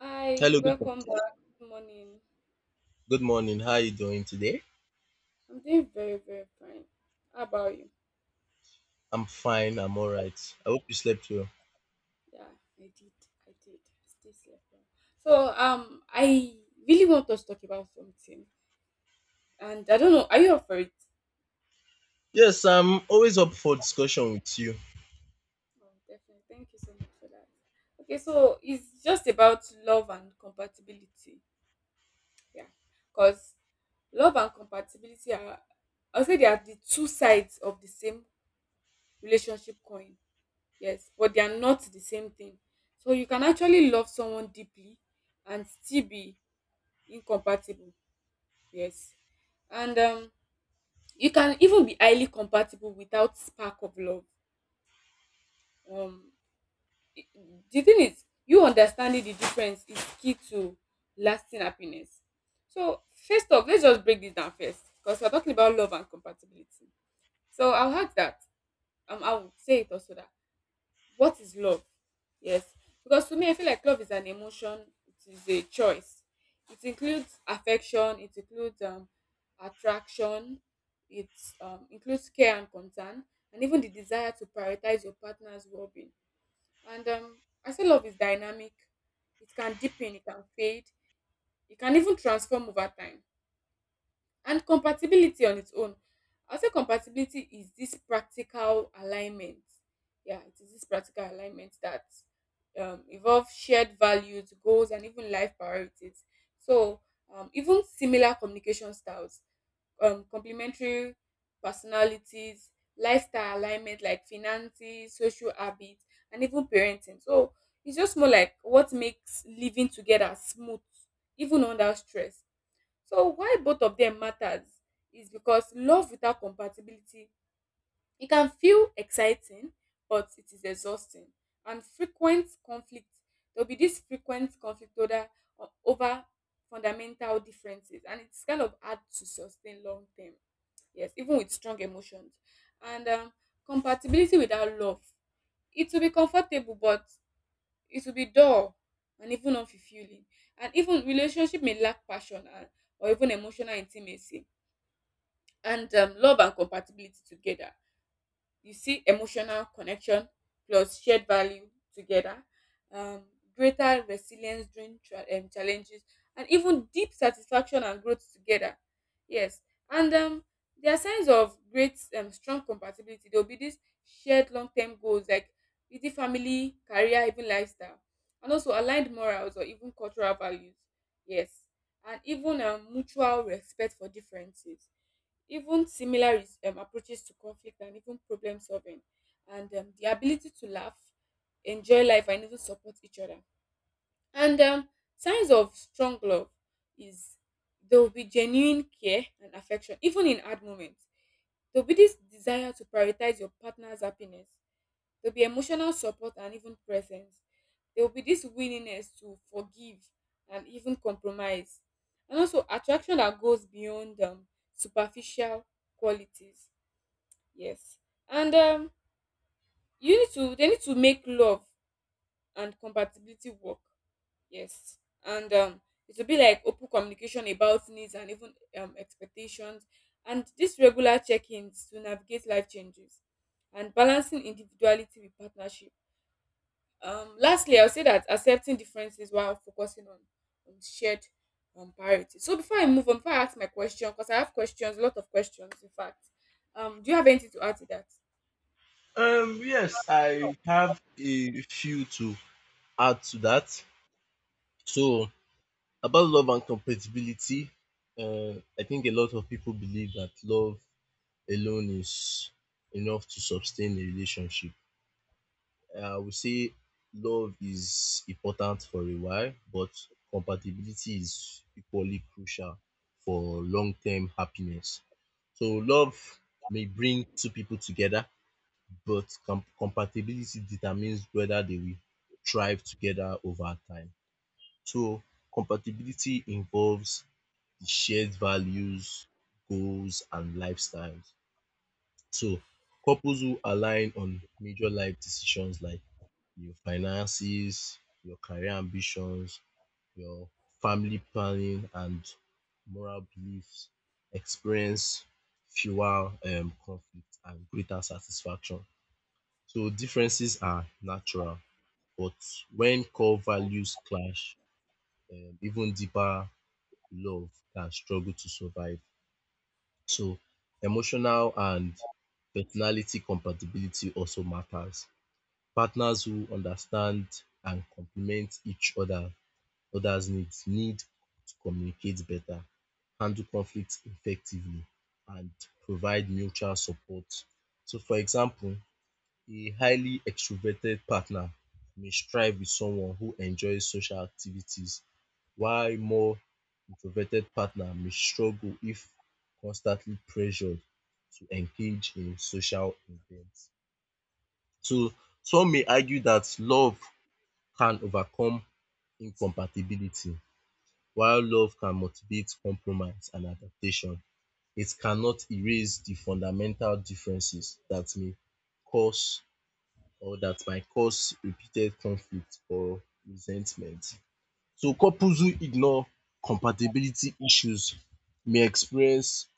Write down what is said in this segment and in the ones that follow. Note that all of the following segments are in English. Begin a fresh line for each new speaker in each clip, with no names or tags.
Hi,
Hello,
welcome back. Good morning.
good morning. How are you doing today?
I'm doing very, very fine. How about you?
I'm fine. I'm all right. I hope you slept well.
Yeah, I did. I did. Stay slept well. I really want us to talk about something, and I don't know. Are you up for it?
Yes, I'm always up for discussion with you.
Oh, definitely. Thank you so much for that. Okay, so it's just about love and compatibility. Yeah, because love and compatibility are, I'll say, they are the two sides of the same relationship coin. Yes, but they are not the same thing. So you can actually love someone deeply and still be incompatible. Yes. And you can even be highly compatible without spark of love. um i- the thing is, you understanding the difference is key to lasting happiness. So first off, let's just break this down first because we're talking about love and compatibility. So I'll add that, I would say it also that, what is love? Yes, because to me, I feel like love is an emotion. It is a choice. It includes affection. It includes attraction. It includes care and concern, and even the desire to prioritize your partner's well-being. And I say love is dynamic. It can deepen. It can fade. It can even transform over time. And compatibility on its own, I'll say compatibility is this practical alignment. Yeah, it is this practical alignment that involve shared values, goals, and even life priorities. So even similar communication styles, complementary personalities, lifestyle alignment like finances, social habits, and even parenting. So it's just more like what makes living together smooth, even under stress. So why both of them matters is because love without compatibility, it can feel exciting, but it is exhausting. And frequent conflict, there'll be this frequent conflict over, over fundamental differences, and it's kind of hard to sustain long term. Yes, even with strong emotions. And Compatibility without love, it will be comfortable, but it will be dull and even unfulfilling. And even relationship may lack passion and, or even emotional intimacy. And Love and compatibility together, you see emotional connection plus shared value together, um, greater resilience during challenges, and even deep satisfaction and growth together. Yes. and There are signs of great strong compatibility. There will be this shared long-term goals like easy family, career, even lifestyle, and also aligned morals or even cultural values. Yes, and even mutual respect for differences, even similar approaches to conflict and even problem solving. And The ability to laugh, enjoy life, and even support each other. And Signs of strong love is, there will be genuine care and affection even in hard moments. There will be this desire to prioritize your partner's happiness. There'll be emotional support and even presence. There will be this willingness to forgive and even compromise. And also attraction that goes beyond superficial qualities. Yes. And you need to They need to make love and compatibility work. Yes. And It will be like open communication about needs and even expectations, and these regular check-ins to navigate life changes, and balancing individuality with partnership. Lastly, I'll say that accepting differences while focusing on, shared priorities. So before I move on, before I ask my question, because I have questions, a lot of questions, in fact. Do you have anything to add to that?
Yes, I have a few to add to that. So, about love and compatibility, I think a lot of people believe that love alone is enough to sustain a relationship. I would say love is important for a while, but compatibility is equally crucial for long term happiness. So, love may bring two people together, but compatibility determines whether they will thrive together over time. So, compatibility involves the shared values, goals, and lifestyles. So, couples who align on major life decisions like your finances, your career ambitions, your family planning, and moral beliefs experience fewer conflict and greater satisfaction. So differences are natural, but when core values clash, even deeper love can struggle to survive. So emotional and personality compatibility also matters. Partners who understand and complement each other's needs need to communicate better, handle conflicts effectively, and provide mutual support. So, for example, a highly extroverted partner may strive with someone who enjoys social activities, while more introverted partner may struggle if constantly pressured to engage in social events. So, some may argue that love can overcome incompatibility, while love can motivate compromise and adaptation, it cannot erase the fundamental differences that may cause or that might cause repeated conflict or resentment. So couples who ignore compatibility issues may experience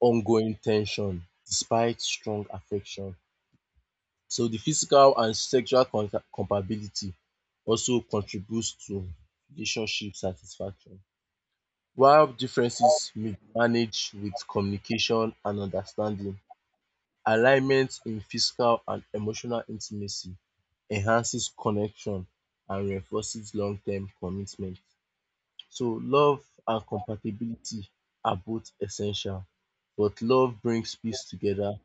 ongoing ten sion despite strong affection. So the physical and sexual compatibility also contributes to relationship satisfaction. While differences may be managed with communication and understanding, alignment in physical and emotional intimacy enhances connection and reinforces long-term commitment. So love and compatibility are both essential, but love brings peace together.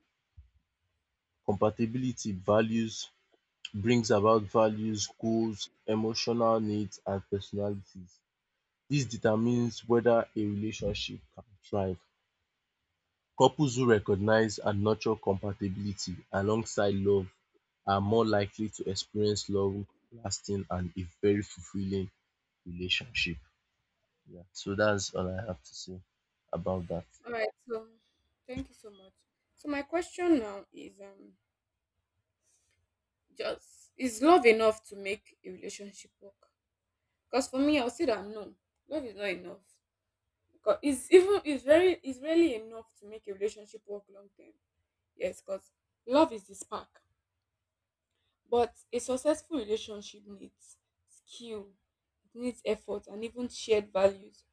Compatibility values brings about values, goals, emotional needs and personalities. This determines whether a relationship can thrive. Couples who recognize and nurture compatibility alongside love are more likely to experience long lasting and a very fulfilling relationship. Yeah, so that's all I have to say about that.
All right. So thank you so much. So my question now is, just, is love enough to make a relationship work? Because for me, I'll say that no, love is not enough. Because it's even it's very it's really enough to make a relationship work long term. Yes, because love is the spark. But a successful relationship needs skill, it needs effort, and even shared values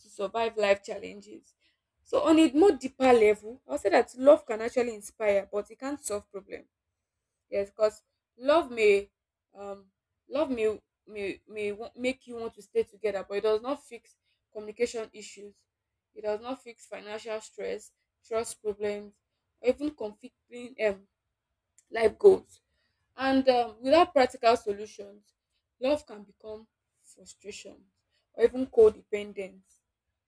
to survive life challenges. So on a more deeper level, I'll say that love can actually inspire, but it can't solve problems. Yes, because love may, um, love may make you want to stay together, but it does not fix communication issues. It does not fix financial stress, trust problems, or even conflicting life goals. And Without practical solutions, love can become frustration or even codependence.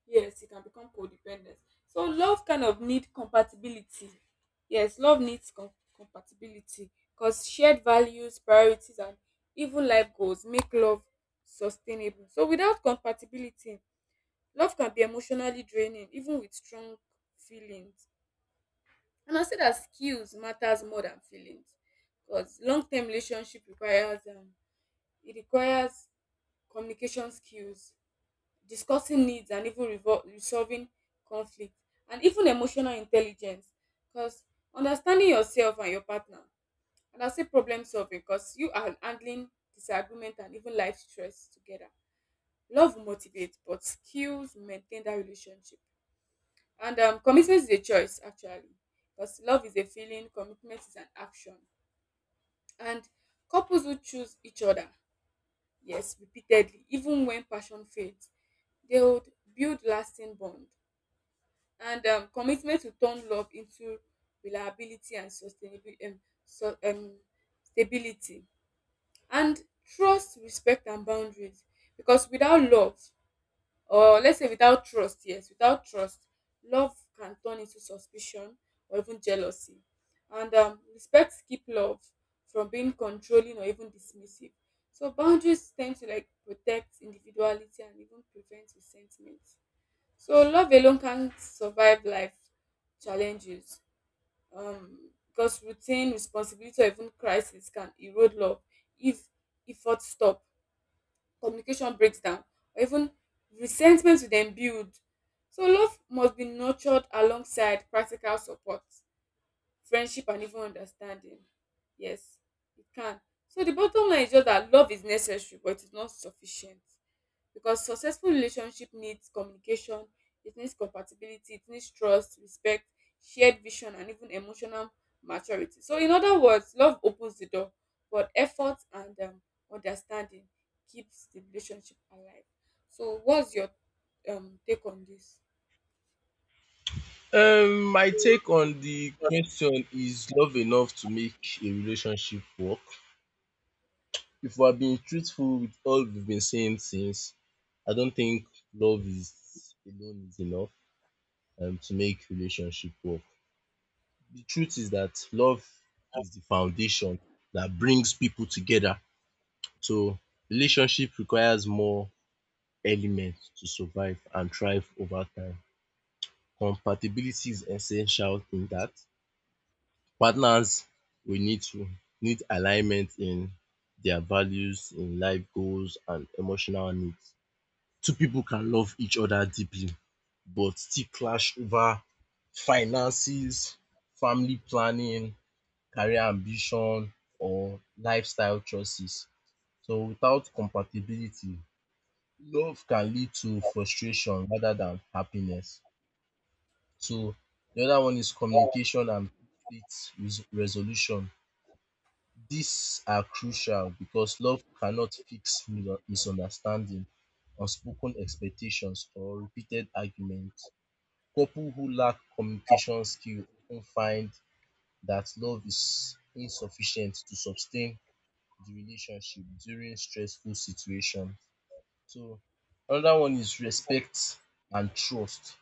Yes, it can become codependent. So love kind of need compatibility. Yes, love needs compatibility because shared values, priorities, and even life goals make love sustainable. So without compatibility, love can be emotionally draining, even with strong feelings. And I say that skills matters more than feelings, because long-term relationship requires it requires communication skills, discussing needs, and even resolving conflict, and even emotional intelligence. Because understanding yourself and your partner, and I say problem solving, because you are handling disagreement and even life stress together. Love motivates, but skills maintain that relationship. And Commitment is a choice, actually, because love is a feeling, commitment is an action. And couples who choose each other, yes, repeatedly, even when passion fades, they would build lasting bond. And Commitment to turn love into reliability and sustainability, so, um, stability. And trust, respect, and boundaries, because without love, or let's say without trust, yes, without trust, love can turn into suspicion or even jealousy. And Respect keep love from being controlling or even dismissive. So boundaries tend to like protect individuality and even prevent resentment. So love alone can't survive life challenges, because routine responsibility or even crisis can erode love if effort stop, communication breaks down, or even resentment will then build. So love must be nurtured alongside practical support, friendship, and even understanding. Yes, it can. So the bottom line is just that love is necessary, but it's not sufficient, because successful relationship needs communication, it needs compatibility, it needs trust, respect, shared vision, and even emotional maturity. So in other words, love opens the door, but effort and understanding keeps the relationship alive. So what's your take on this?
My take on the question is love enough to make a relationship work? If we are being truthful with all we've been saying since, I don't think love is alone is enough to make relationship work. The truth is that love is the foundation that brings people together. So relationship requires more elements to survive and thrive over time. Compatibility is essential in that. Partners we need to need alignment in their values, in life goals and emotional needs. Two people can love each other deeply but still clash over finances, family planning, career ambition or lifestyle choices. So without compatibility, love can lead to frustration rather than happiness. So the other one is communication and conflict resolution. These are crucial because love cannot fix misunderstanding, unspoken expectations, or repeated arguments. Couples who lack communication skills often find that love is insufficient to sustain the relationship during stressful situations. So another one is respect and trust.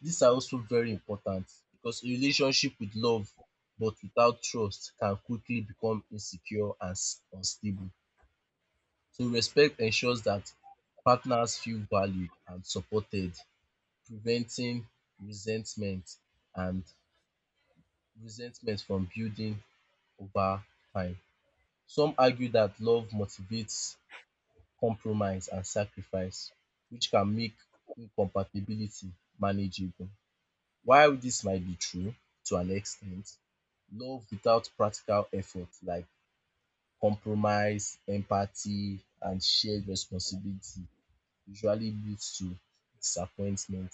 These are also very important because a relationship with love but without trust can quickly become insecure and unstable. So respect ensures that partners feel valued and supported, preventing resentment and resentment from building over time. Some argue that love motivates compromise and sacrifice, which can make incompatibility manageable. While this might be true to an extent, love without practical effort like compromise, empathy, and shared responsibility usually leads to disappointment.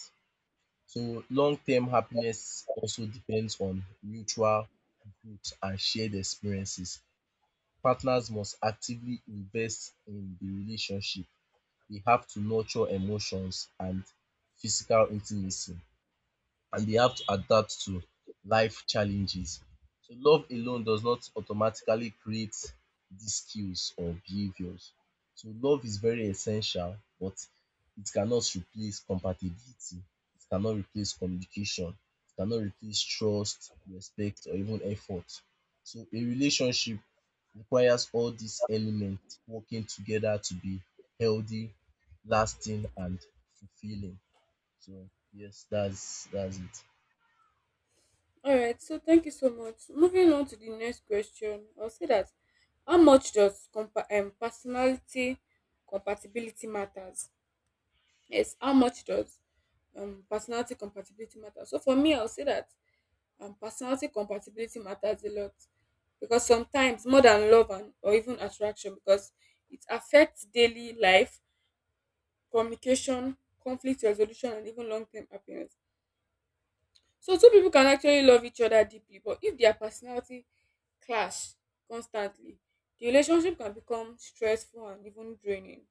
So long-term happiness also depends on mutual growth and shared experiences. Partners must actively invest in the relationship. They have to nurture emotions and physical intimacy and they have to adapt to life challenges. So love alone does not automatically create these skills or behaviors. So love is very essential, but it cannot replace compatibility, it cannot replace communication, it cannot replace trust, respect or even effort. So a relationship requires all these elements working together to be healthy, lasting and fulfilling. So yes, that's it.
All right, so thank you so much. Moving on to the next question, I'll say that how much does personality compatibility matters? Yes, how much does personality compatibility matter? So for me, I'll say that personality compatibility matters a lot, because sometimes more than love and or even attraction, because it affects daily life, communication, conflict resolution, and even long-term happiness. So two people can actually love each other deeply, but if their personality clash constantly, the relationship can become stressful and even draining.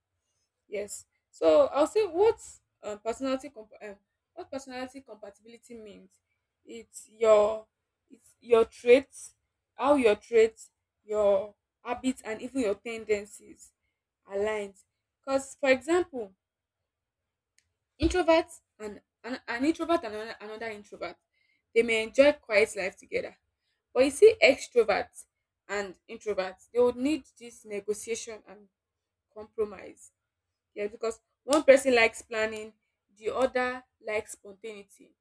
Yes. So I'll say what um, personality comp- um, what personality compatibility means. It's your, traits, how your traits, your habits, and even your tendencies aligned. Because for example, introverts and an introvert and another introvert, they may enjoy quiet life together. But you see, extroverts and introverts, they would need this negotiation and compromise. Yes, because one person likes planning, the other likes spontaneity.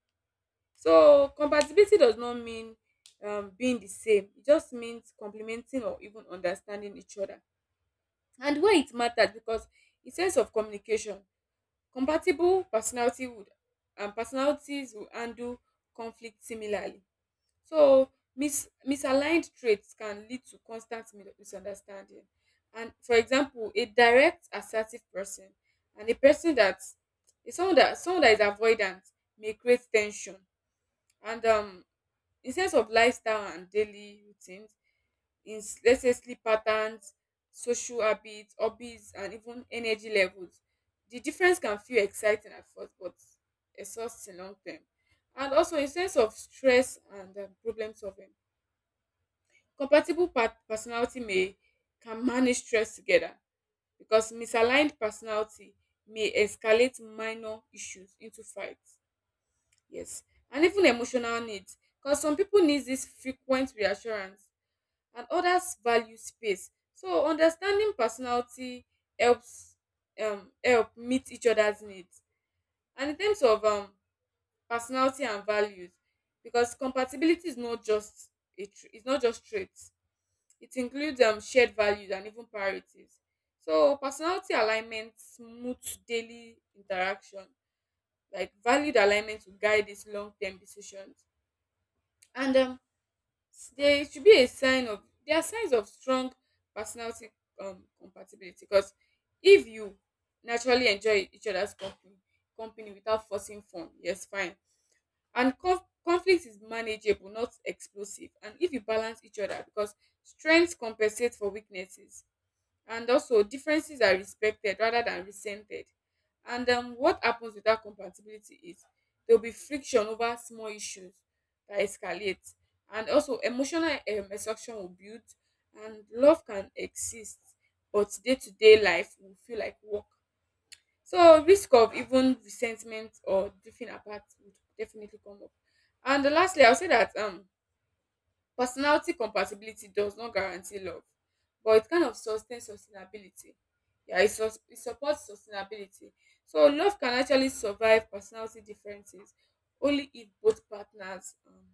So compatibility does not mean being the same. It just means complementing or even understanding each other. And why it matters, because in sense of communication, compatible personality would and personalities will handle conflict similarly. So misaligned traits can lead to constant misunderstanding. And for example, a direct, assertive person and a person that is someone that is avoidant may create tension. And In sense of lifestyle and daily routines, let's say sleep patterns, social habits, hobbies, and even energy levels, the difference can feel exciting at first, but exhausting long term. And also in sense of stress and problem solving, compatible personality may, can manage stress together, because misaligned personality may escalate minor issues into fights. Yes, and even emotional needs, because some people need this frequent reassurance and others value space. So understanding personality helps help meet each other's needs. And in terms of personality and values, because compatibility is not just it's not just traits, it includes shared values and even priorities. So personality alignment smooths daily interaction. Like, valued alignment will guide these long term decisions. And um, there should be a sign of, there are signs of strong personality compatibility, because if you naturally enjoy each other's company, without forcing fun, yes, fine. And conflict is manageable, not explosive. And if you balance each other, because strengths compensate for weaknesses, and also differences are respected rather than resented. And What happens with that compatibility is there will be friction over small issues that escalate, and also emotional exhaustion will build, and love can exist but day-to-day life will feel like work. So risk of even resentment or drifting apart would definitely come up. And lastly, I'll say that personality compatibility does not guarantee love, but it kind of sustains sustainability. Yeah, it supports sustainability. So love can actually survive personality differences only if both partners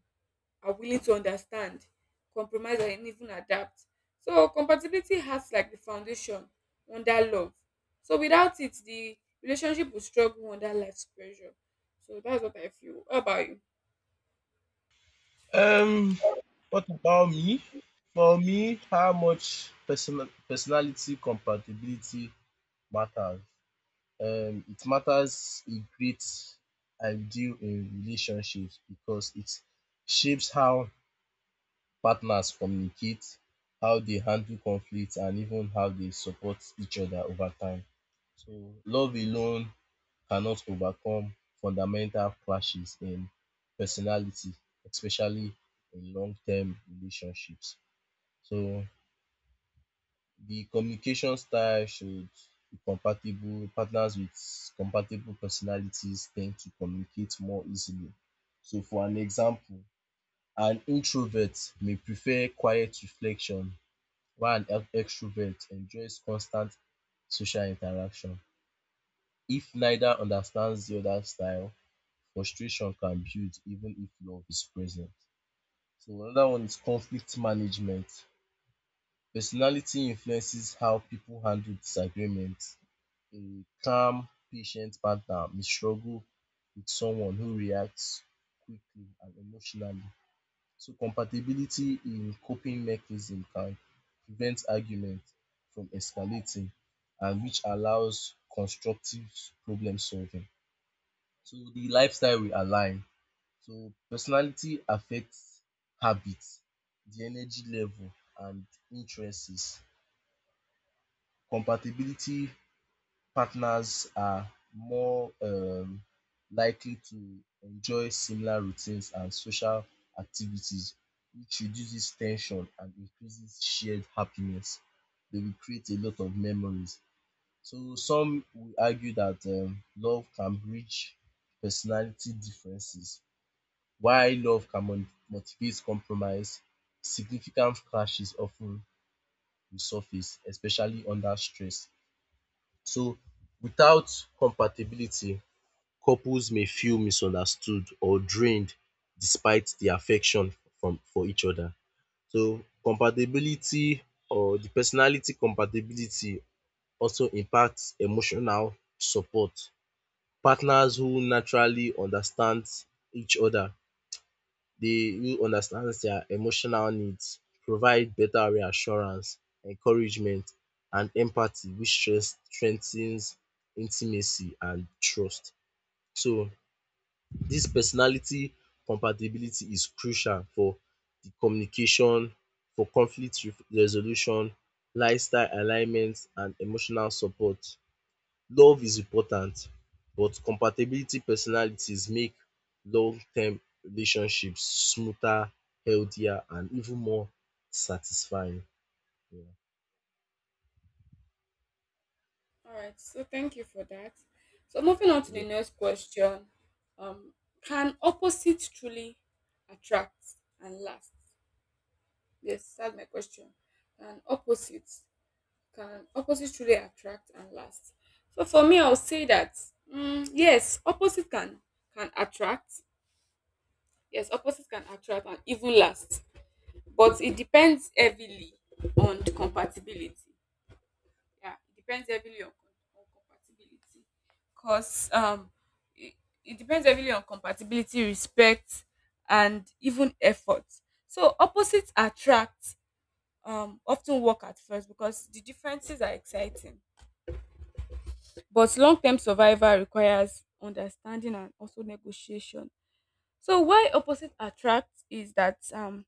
are willing to understand, compromise, and even adapt. So compatibility has like the foundation under love. So without it, the relationship will struggle under life's pressure. So that's what I feel. How about you?
Um, what about me? For me, how much personality compatibility matters? It matters a great ideal in relationships because it shapes how partners communicate, how they handle conflict and even how they support each other over time. So love alone cannot overcome fundamental clashes in personality, especially in long-term relationships. So the communication style should be compatible. Partners with compatible personalities tend to communicate more easily. So for an example, an introvert may prefer quiet reflection while an extrovert enjoys constant social interaction. If neither understands the other's style, frustration can build even if love is present. So another one is conflict management. Personality influences how people handle disagreements. A calm, patient partner may struggle with someone who reacts quickly and emotionally. So compatibility in coping mechanism can prevent argument from escalating and which allows constructive problem solving. So the lifestyle we align. So personality affects habits, the energy level and interests. Compatibility partners are more likely to enjoy similar routines and social activities which reduces tension and increases shared happiness. They will create a lot of memories. So some will argue that love can bridge personality differences while love can motivate compromise. Significant clashes often resurface especially under stress. So without compatibility, couples may feel misunderstood or drained despite their affection from for each other. So compatibility or the personality compatibility also impacts emotional support. Partners who naturally understand each other They who understand their emotional needs provide better reassurance, encouragement and empathy which strengthens intimacy and trust. So this personality compatibility is crucial for the communication, for conflict resolution, lifestyle alignment and emotional support. Love is important but compatibility personalities make long term relationships smoother, healthier and even more satisfying.
All right, so thank you for that. So moving on to the
Yeah.
next question, um, can opposites truly attract and last? Yes, that's my question. Can opposites can opposites truly attract and last? So for me, I'll say that yes, opposite can attract. Yes, opposites can attract and even last, but it depends heavily on the compatibility. Yeah, it depends heavily on compatibility. Because it, it depends heavily on compatibility, respect, and even effort. So opposites attract often work at first because the differences are exciting. But long term survival requires understanding and also negotiation. So why opposite attract is that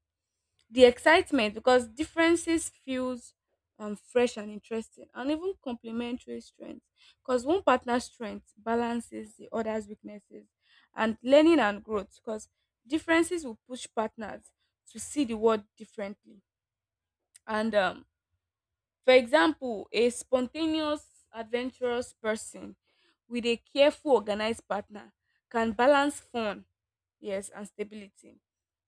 the excitement, because differences feels fresh and interesting, and even complementary strengths because one partner's strength balances the other's weaknesses, and learning and growth because differences will push partners to see the world differently, and for example, a spontaneous, adventurous person with a careful, organized partner can balance fun, yes, and stability.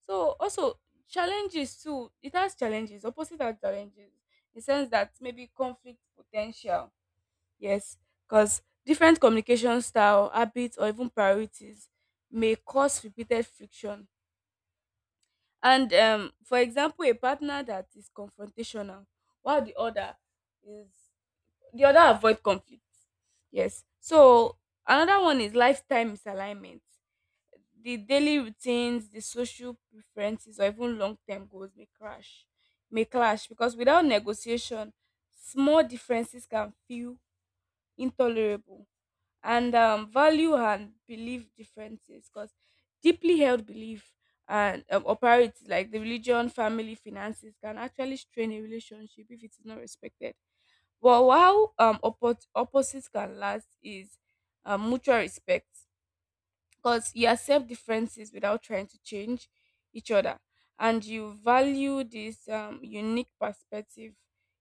So also challenges too. It has challenges. Opposite has challenges. In the sense that maybe conflict potential. Yes, because different communication style, habits, or even priorities may cause repeated friction. And for example, a partner that is confrontational, while is the other avoid conflict, yes. So another one is lifetime misalignment. The daily routines, the social preferences, or even long-term goals may crash may clash, because without negotiation small differences can feel intolerable. And value and belief differences, because deeply held belief and or priorities like the religion, family, finances can actually strain a relationship if it is not respected. But while opposites can last is mutual respect, because you accept differences without trying to change each other, and you value this unique perspective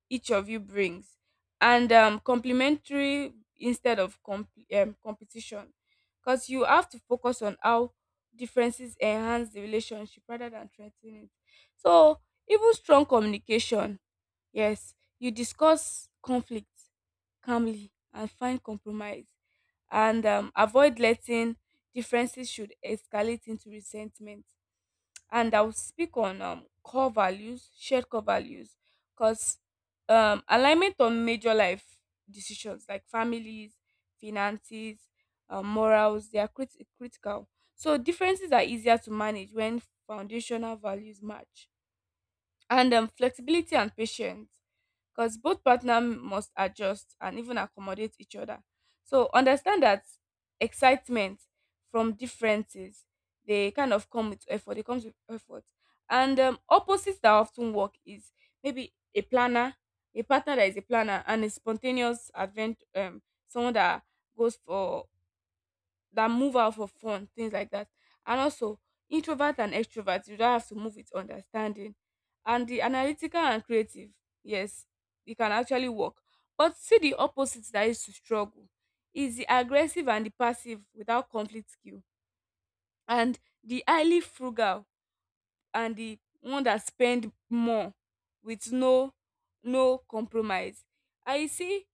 each of you brings, and complementary instead of competition, because you have to focus on how differences enhance the relationship rather than threaten it. So even strong communication, yes, you discuss conflict calmly and find compromise, and avoid letting differences should escalate into resentment. And I'll speak on core values, shared core values, because alignment on major life decisions like families, finances, morals, they are critical. So differences are easier to manage when foundational values match, and flexibility and patience, because both partner must adjust and even accommodate each other. So understand that excitement from differences, they kind of come with effort it comes with effort. And opposites that often work is maybe a planner, a partner that is a planner, and a spontaneous advent someone that goes for, that move out for fun, things like that. And also, introvert and extrovert, you don't have to move with understanding. And the analytical and creative, yes, it can actually work. But see the opposite that is to struggle is the aggressive and the passive without conflict skill, and the highly frugal and the one that spend more with no compromise. I see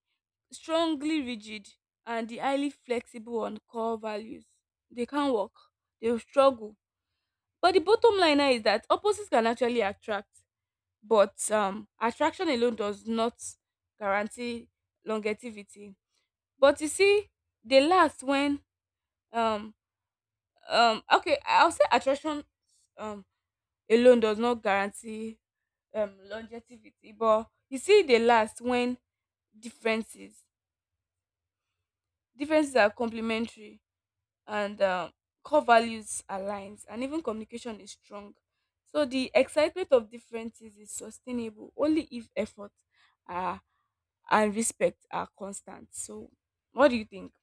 strongly rigid and the highly flexible on core values. They can't work. They will struggle. But the bottom line now is that opposites can actually attract, but attraction alone does not guarantee longevity. But you see, they last when um okay, I'll say attraction um alone does not guarantee longevity, but you see, they last when differences differences are complementary, and core values aligns and even communication is strong. So the excitement of differences is sustainable only if effort are and respect are constant. So what do you think?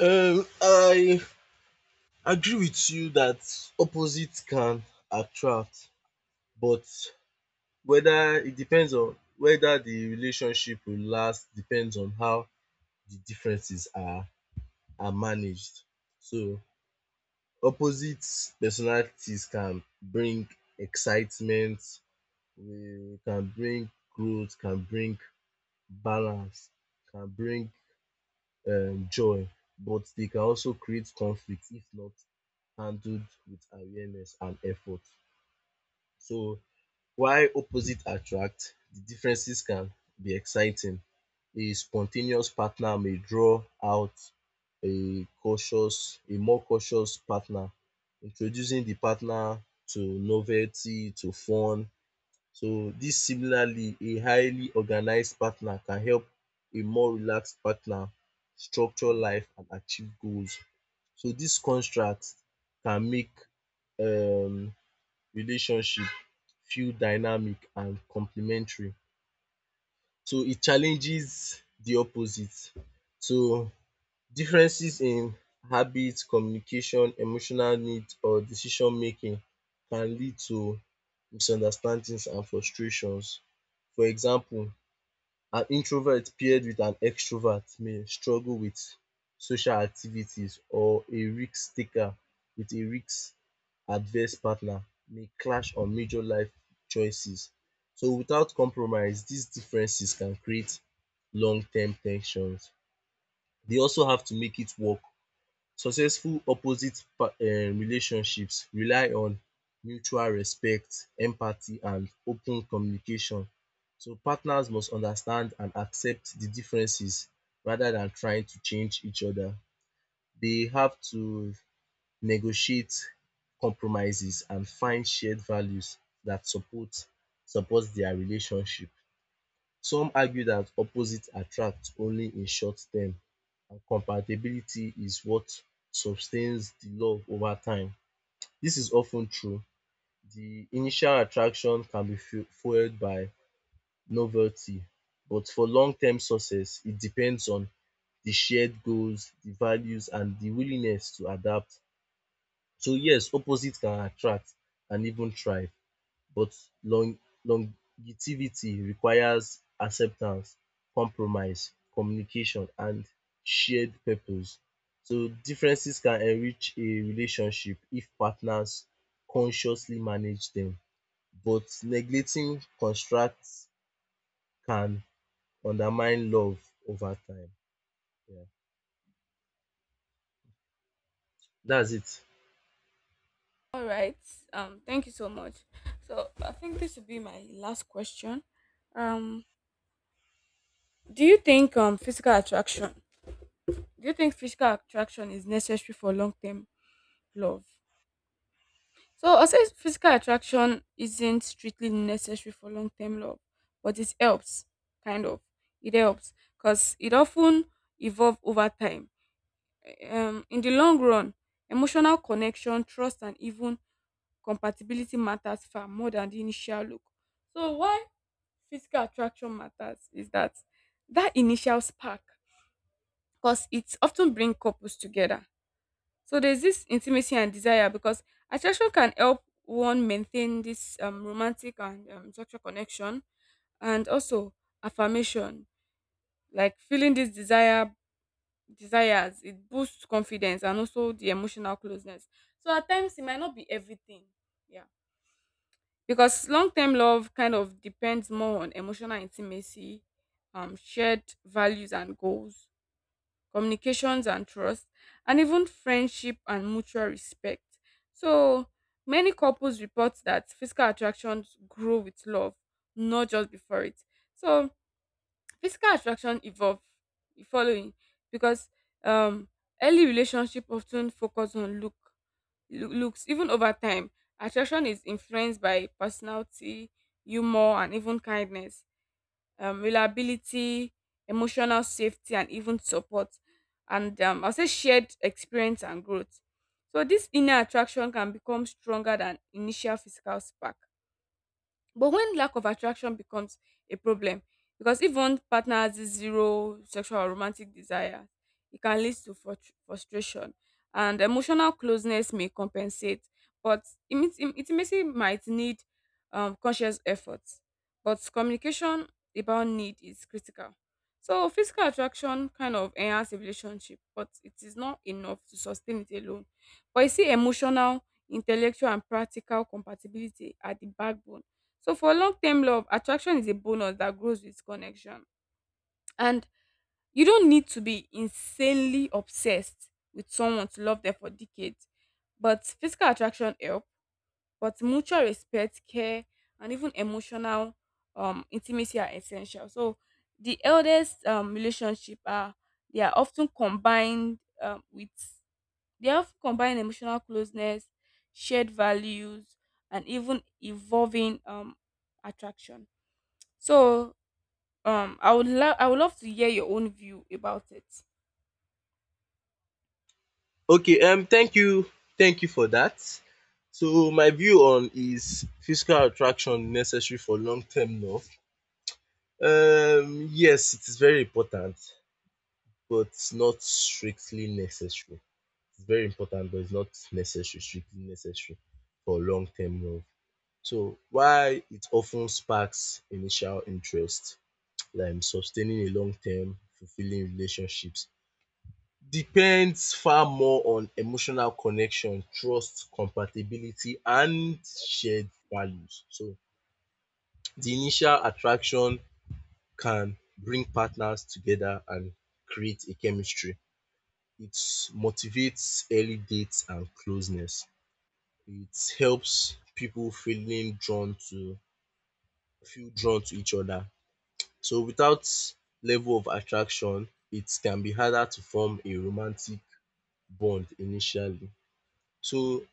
I agree with you that opposites can attract but whether the relationship will last depends on how the differences are managed. So opposite personalities can bring excitement, we can bring growth, can bring balance, can bring joy, but they can also create conflict if not handled with awareness and effort. So while opposites attract, the differences can be exciting. A spontaneous partner may draw out a more cautious partner, introducing the partner to novelty, to fun. So this similarly a highly organized partner can help a more relaxed partner structure life and achieve goals. So this contrast can make um relationship feel dynamic and complementary. So it challenges the opposite. So differences in habits, communication, emotional needs or decision making can lead to misunderstandings and frustrations. For example, an introvert paired with an extrovert may struggle with social activities, or a risk-taker with a risk adverse partner may clash on major life choices. So without compromise, these differences can create long-term tensions. They also have to make it work. Successful opposite relationships rely on mutual respect, empathy and open communication. So partners must understand and accept the differences rather than trying to change each other. They have to negotiate compromises and find shared values that supports their relationship. Some argue that opposites attract only in short term and compatibility is what sustains the love over time. This is often true. The initial attraction can be fueled by novelty, but for long-term success, it depends on the shared goals, the values and the willingness to adapt. So yes, opposites can attract and even thrive but long longevity requires acceptance, compromise, communication and shared purpose. So differences can enrich a relationship if partners consciously manage them, but neglecting construct can undermine love over time. Yeah, dats it.
All right, thank you so much. So I think this will be my last question. um do you think physical attraction do you think physical attraction is necessary for long-term love? So I'll say physical attraction isn't strictly necessary for long term love, but it helps, kind of. It helps because it often evolve over time. In the long run, emotional connection, trust, and even compatibility matters far more than the initial look. So why physical attraction matters is that that initial spark, because it often brings couples together. So there's this intimacy and desire, because attraction can help one maintain this romantic and sexual connection, and also affirmation, like feeling this desires, it boosts confidence and also the emotional closeness. So at times it might not be everything, yeah, because long-term love kind of depends more on emotional intimacy, shared values and goals, communications and trust, and even friendship and mutual respect. So many couples report that physical attractions grow with love, not just before it. So physical attraction evolve the following because um early relationship often focus on looks. Even over time, attraction is influenced by personality, humor, and even kindness, reliability, emotional safety, and even support. And I'll say shared experience and growth. So this inner attraction can become stronger than initial physical spark. But when lack of attraction becomes a problem, because if one partner has this zero sexual or romantic desire, it can lead to frustration. And emotional closeness may compensate, but intimacy might need conscious effort. But communication about need is critical. So physical attraction kind of enhance a relationship, but it is not enough to sustain it alone. But you see, emotional, intellectual, and practical compatibility are the backbone. So for long term love, attraction is a bonus that grows with connection. And you don't need to be insanely obsessed with someone to love them for decades. But physical attraction help, but mutual respect, care, and even emotional intimacy are essential. So the eldest relationship are, they are often combined um, with they often combine emotional closeness, shared values, and even evolving attraction. So, I would love to hear your own view about it.
Okay, thank you, thank you for that. So my view on is physical attraction necessary for long term love? Yes, it is very important, but it's not strictly necessary. It's very important, but it's not necessary, strictly necessary for long-term wealth. So while it often sparks initial interest, like sustaining a long-term fulfilling relationships depends far more on emotional connection, trust, compatibility, and shared values. So the initial attraction can bring partners together and create a chemistry. It motivates early dates and closeness. It helps people feel drawn to each other. So without level of attraction, it can be harder to form a romantic bond initially. So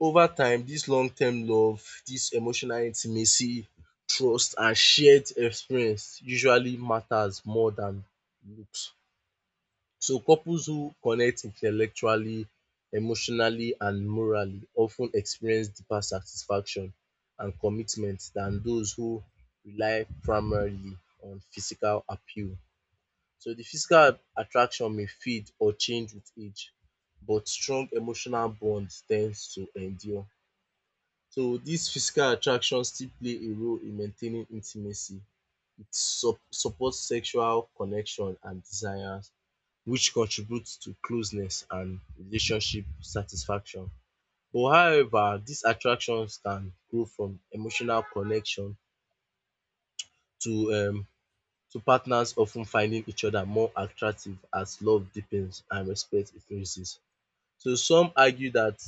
over time, this long term love, this emotional intimacy, trust and shared experience usually matters more than looks. So couples who connect intellectually, emotionally and morally often experience deeper satisfaction and commitment than those who rely primarily on physical appeal. So the physical attraction may fade or change with age but strong emotional bonds tends to endure. So dis physical attraction still play a role in maintaining intimacy. It supports sexual connection and desires, which contributes to closeness and relationship satisfaction. But however, these attractions can grow from emotional connection to um to partners often finding each other more attractive as love deepens and respect increases. So some argue that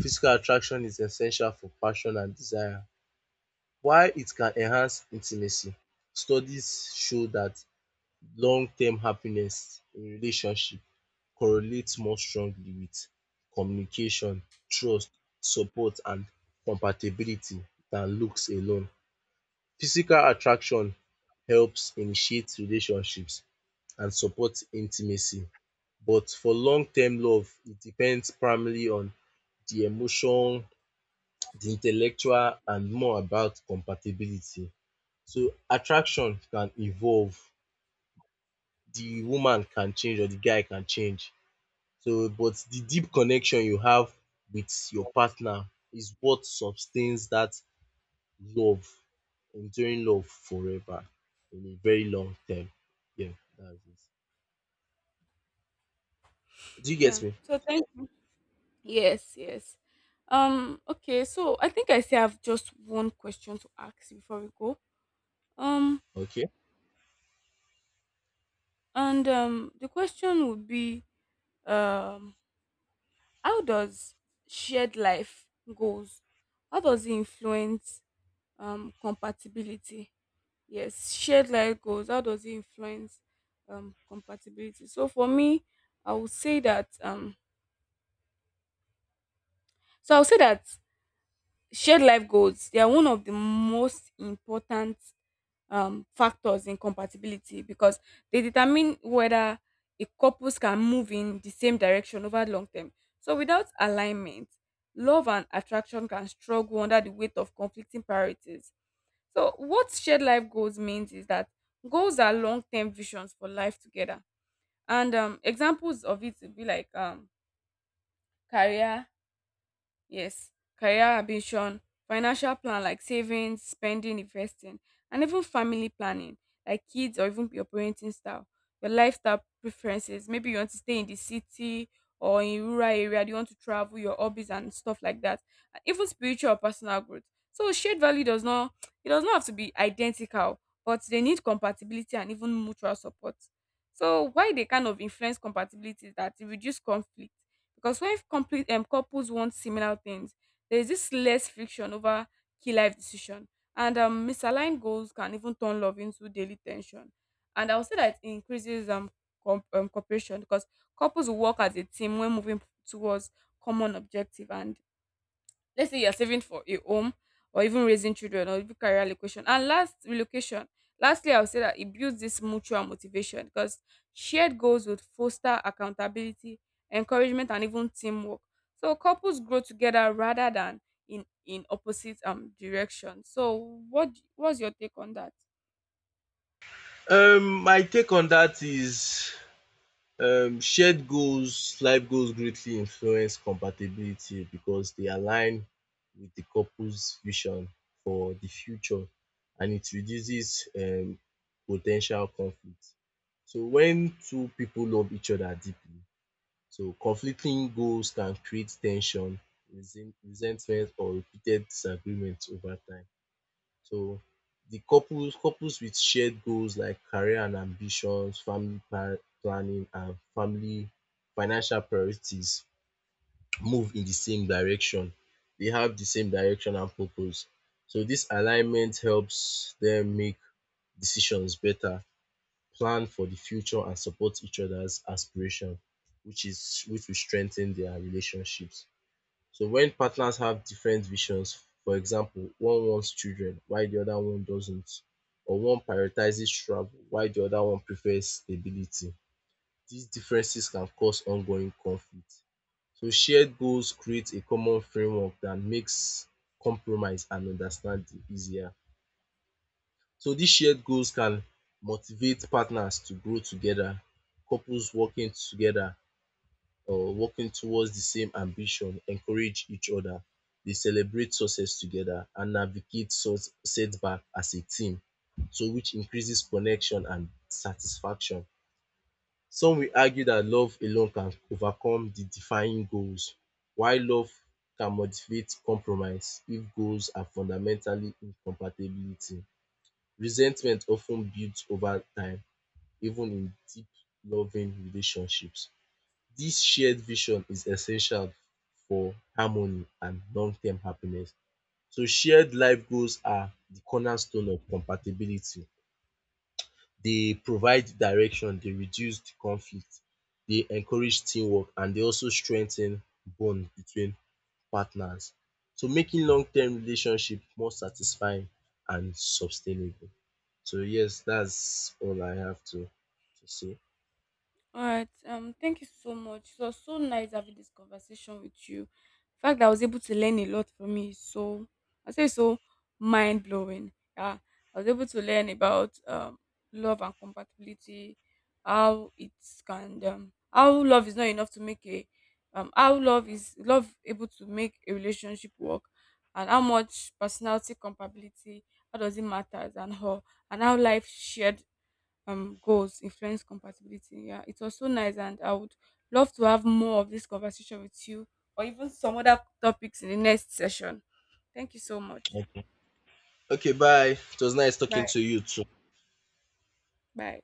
physical attraction is essential for passion and desire, while it can enhance intimacy. Studies show that long-term happiness in relationship correlates more strongly with communication, trust, support and compatibility than looks alone. Physical attraction helps initiate relationships and support intimacy, but for long-term love, it depends primarily on the emotion, the intellectual and more about compatibility. So attraction can evolve. The woman can change or the guy can change. So but the deep connection you have with your partner is what sustains that love, enduring love forever in a very long term. Yeah, that's it. Do you get
Yeah.
me?
So thank Yes, yes. Okay, so I think I say I've just one question to ask you before we go. Um,
Okay.
and the question would be, um, how does shared life goals? How does it influence compatibility? Yes, shared life goals. How does it influence compatibility? So for me, I would say that I would say that shared life goals, they are one of the most important factors in compatibility, because they determine whether a couples can move in the same direction over long term. So without alignment, love and attraction can struggle under the weight of conflicting priorities. So what shared life goals means is that goals are long term visions for life together. And examples of it would be like career. Yes, career ambition, financial plan like savings, spending, investing, and even family planning like kids or even your parenting style, your lifestyle preferences. Maybe you want to stay in the city or in rural area, do you want to travel, your hobbies and stuff like that. And even spiritual or personal growth. So shared value does not, it does not have to be identical, but they need compatibility and even mutual support. So why they kind of influence compatibility is that it reduce conflict, because when complete couples want similar things, there is this less friction over key life decision, and misaligned goals can even turn love into daily tension. And I would say that it increases cooperation, because couples will work as a team when moving towards common objective, and let's say you're saving for a home or even raising children or even career relocation. And last relocation, lastly, I would say that it builds this mutual motivation, because shared goals would foster accountability, encouragement, and even teamwork. So couples grow together rather than in opposite direction. So what's your take on that?
My take on that is shared goals life goals greatly influence compatibility because they align with the couple's vision for the future and it reduces po conflict. So when two people love each other deeply, so conflicting goals can create tension, resentment or repeated disagreements over time. So the couples with shared goals like career and ambitions, family planning and family financial priorities move in the same direction. They have the same direction and purpose. So this alignment helps them make decisions better, plan for the future and support each other's aspiration, which will strengthen their relationships. So when partners have different visions, for example, one wants children while the other one doesn't, or one prioritizes travel while the other one prefers stability, these differences can cause ongoing conflict. So shared goals create a common framework that makes compromise and understanding easier. So these shared goals can motivate partners to grow together, couples working together or working towards the same ambition encourage each other, they celebrate success together and navigate setback as a team, so which increases connection and satisfaction. Some will argue that love alone can overcome the defining goals, while love can motivate compromise if goals are fundamentally incompatibility. Resentment often builds over time even in deep loving relationships. This shared vision is essential for harmony and long-term happiness. So shared life goals are the cornerstone of compatibility. They provide direction, they reduce the conflict, they encourage teamwork, and they also strengthen bond between partners. So making long-term relationship more satisfying and sustainable. So yes, that's all I have to say.
All right. Thank you so much. It was so nice having this conversation with you. In fact, I was able to learn a lot from you. So I say so mind blowing. Yeah, I was able to learn about love and compatibility, how it can how love is not enough to make a how love is love able to make a relationship work, and how much personality compatibility, how does it matter, and how, and how life shared goals influence compatibility. Yeah, it was so nice, and I would love to have more of this conversation with you, or even some other topics in the next session. Thank you so much.
Okay, bye. It was nice talking
Bye.
to you too.
Bye.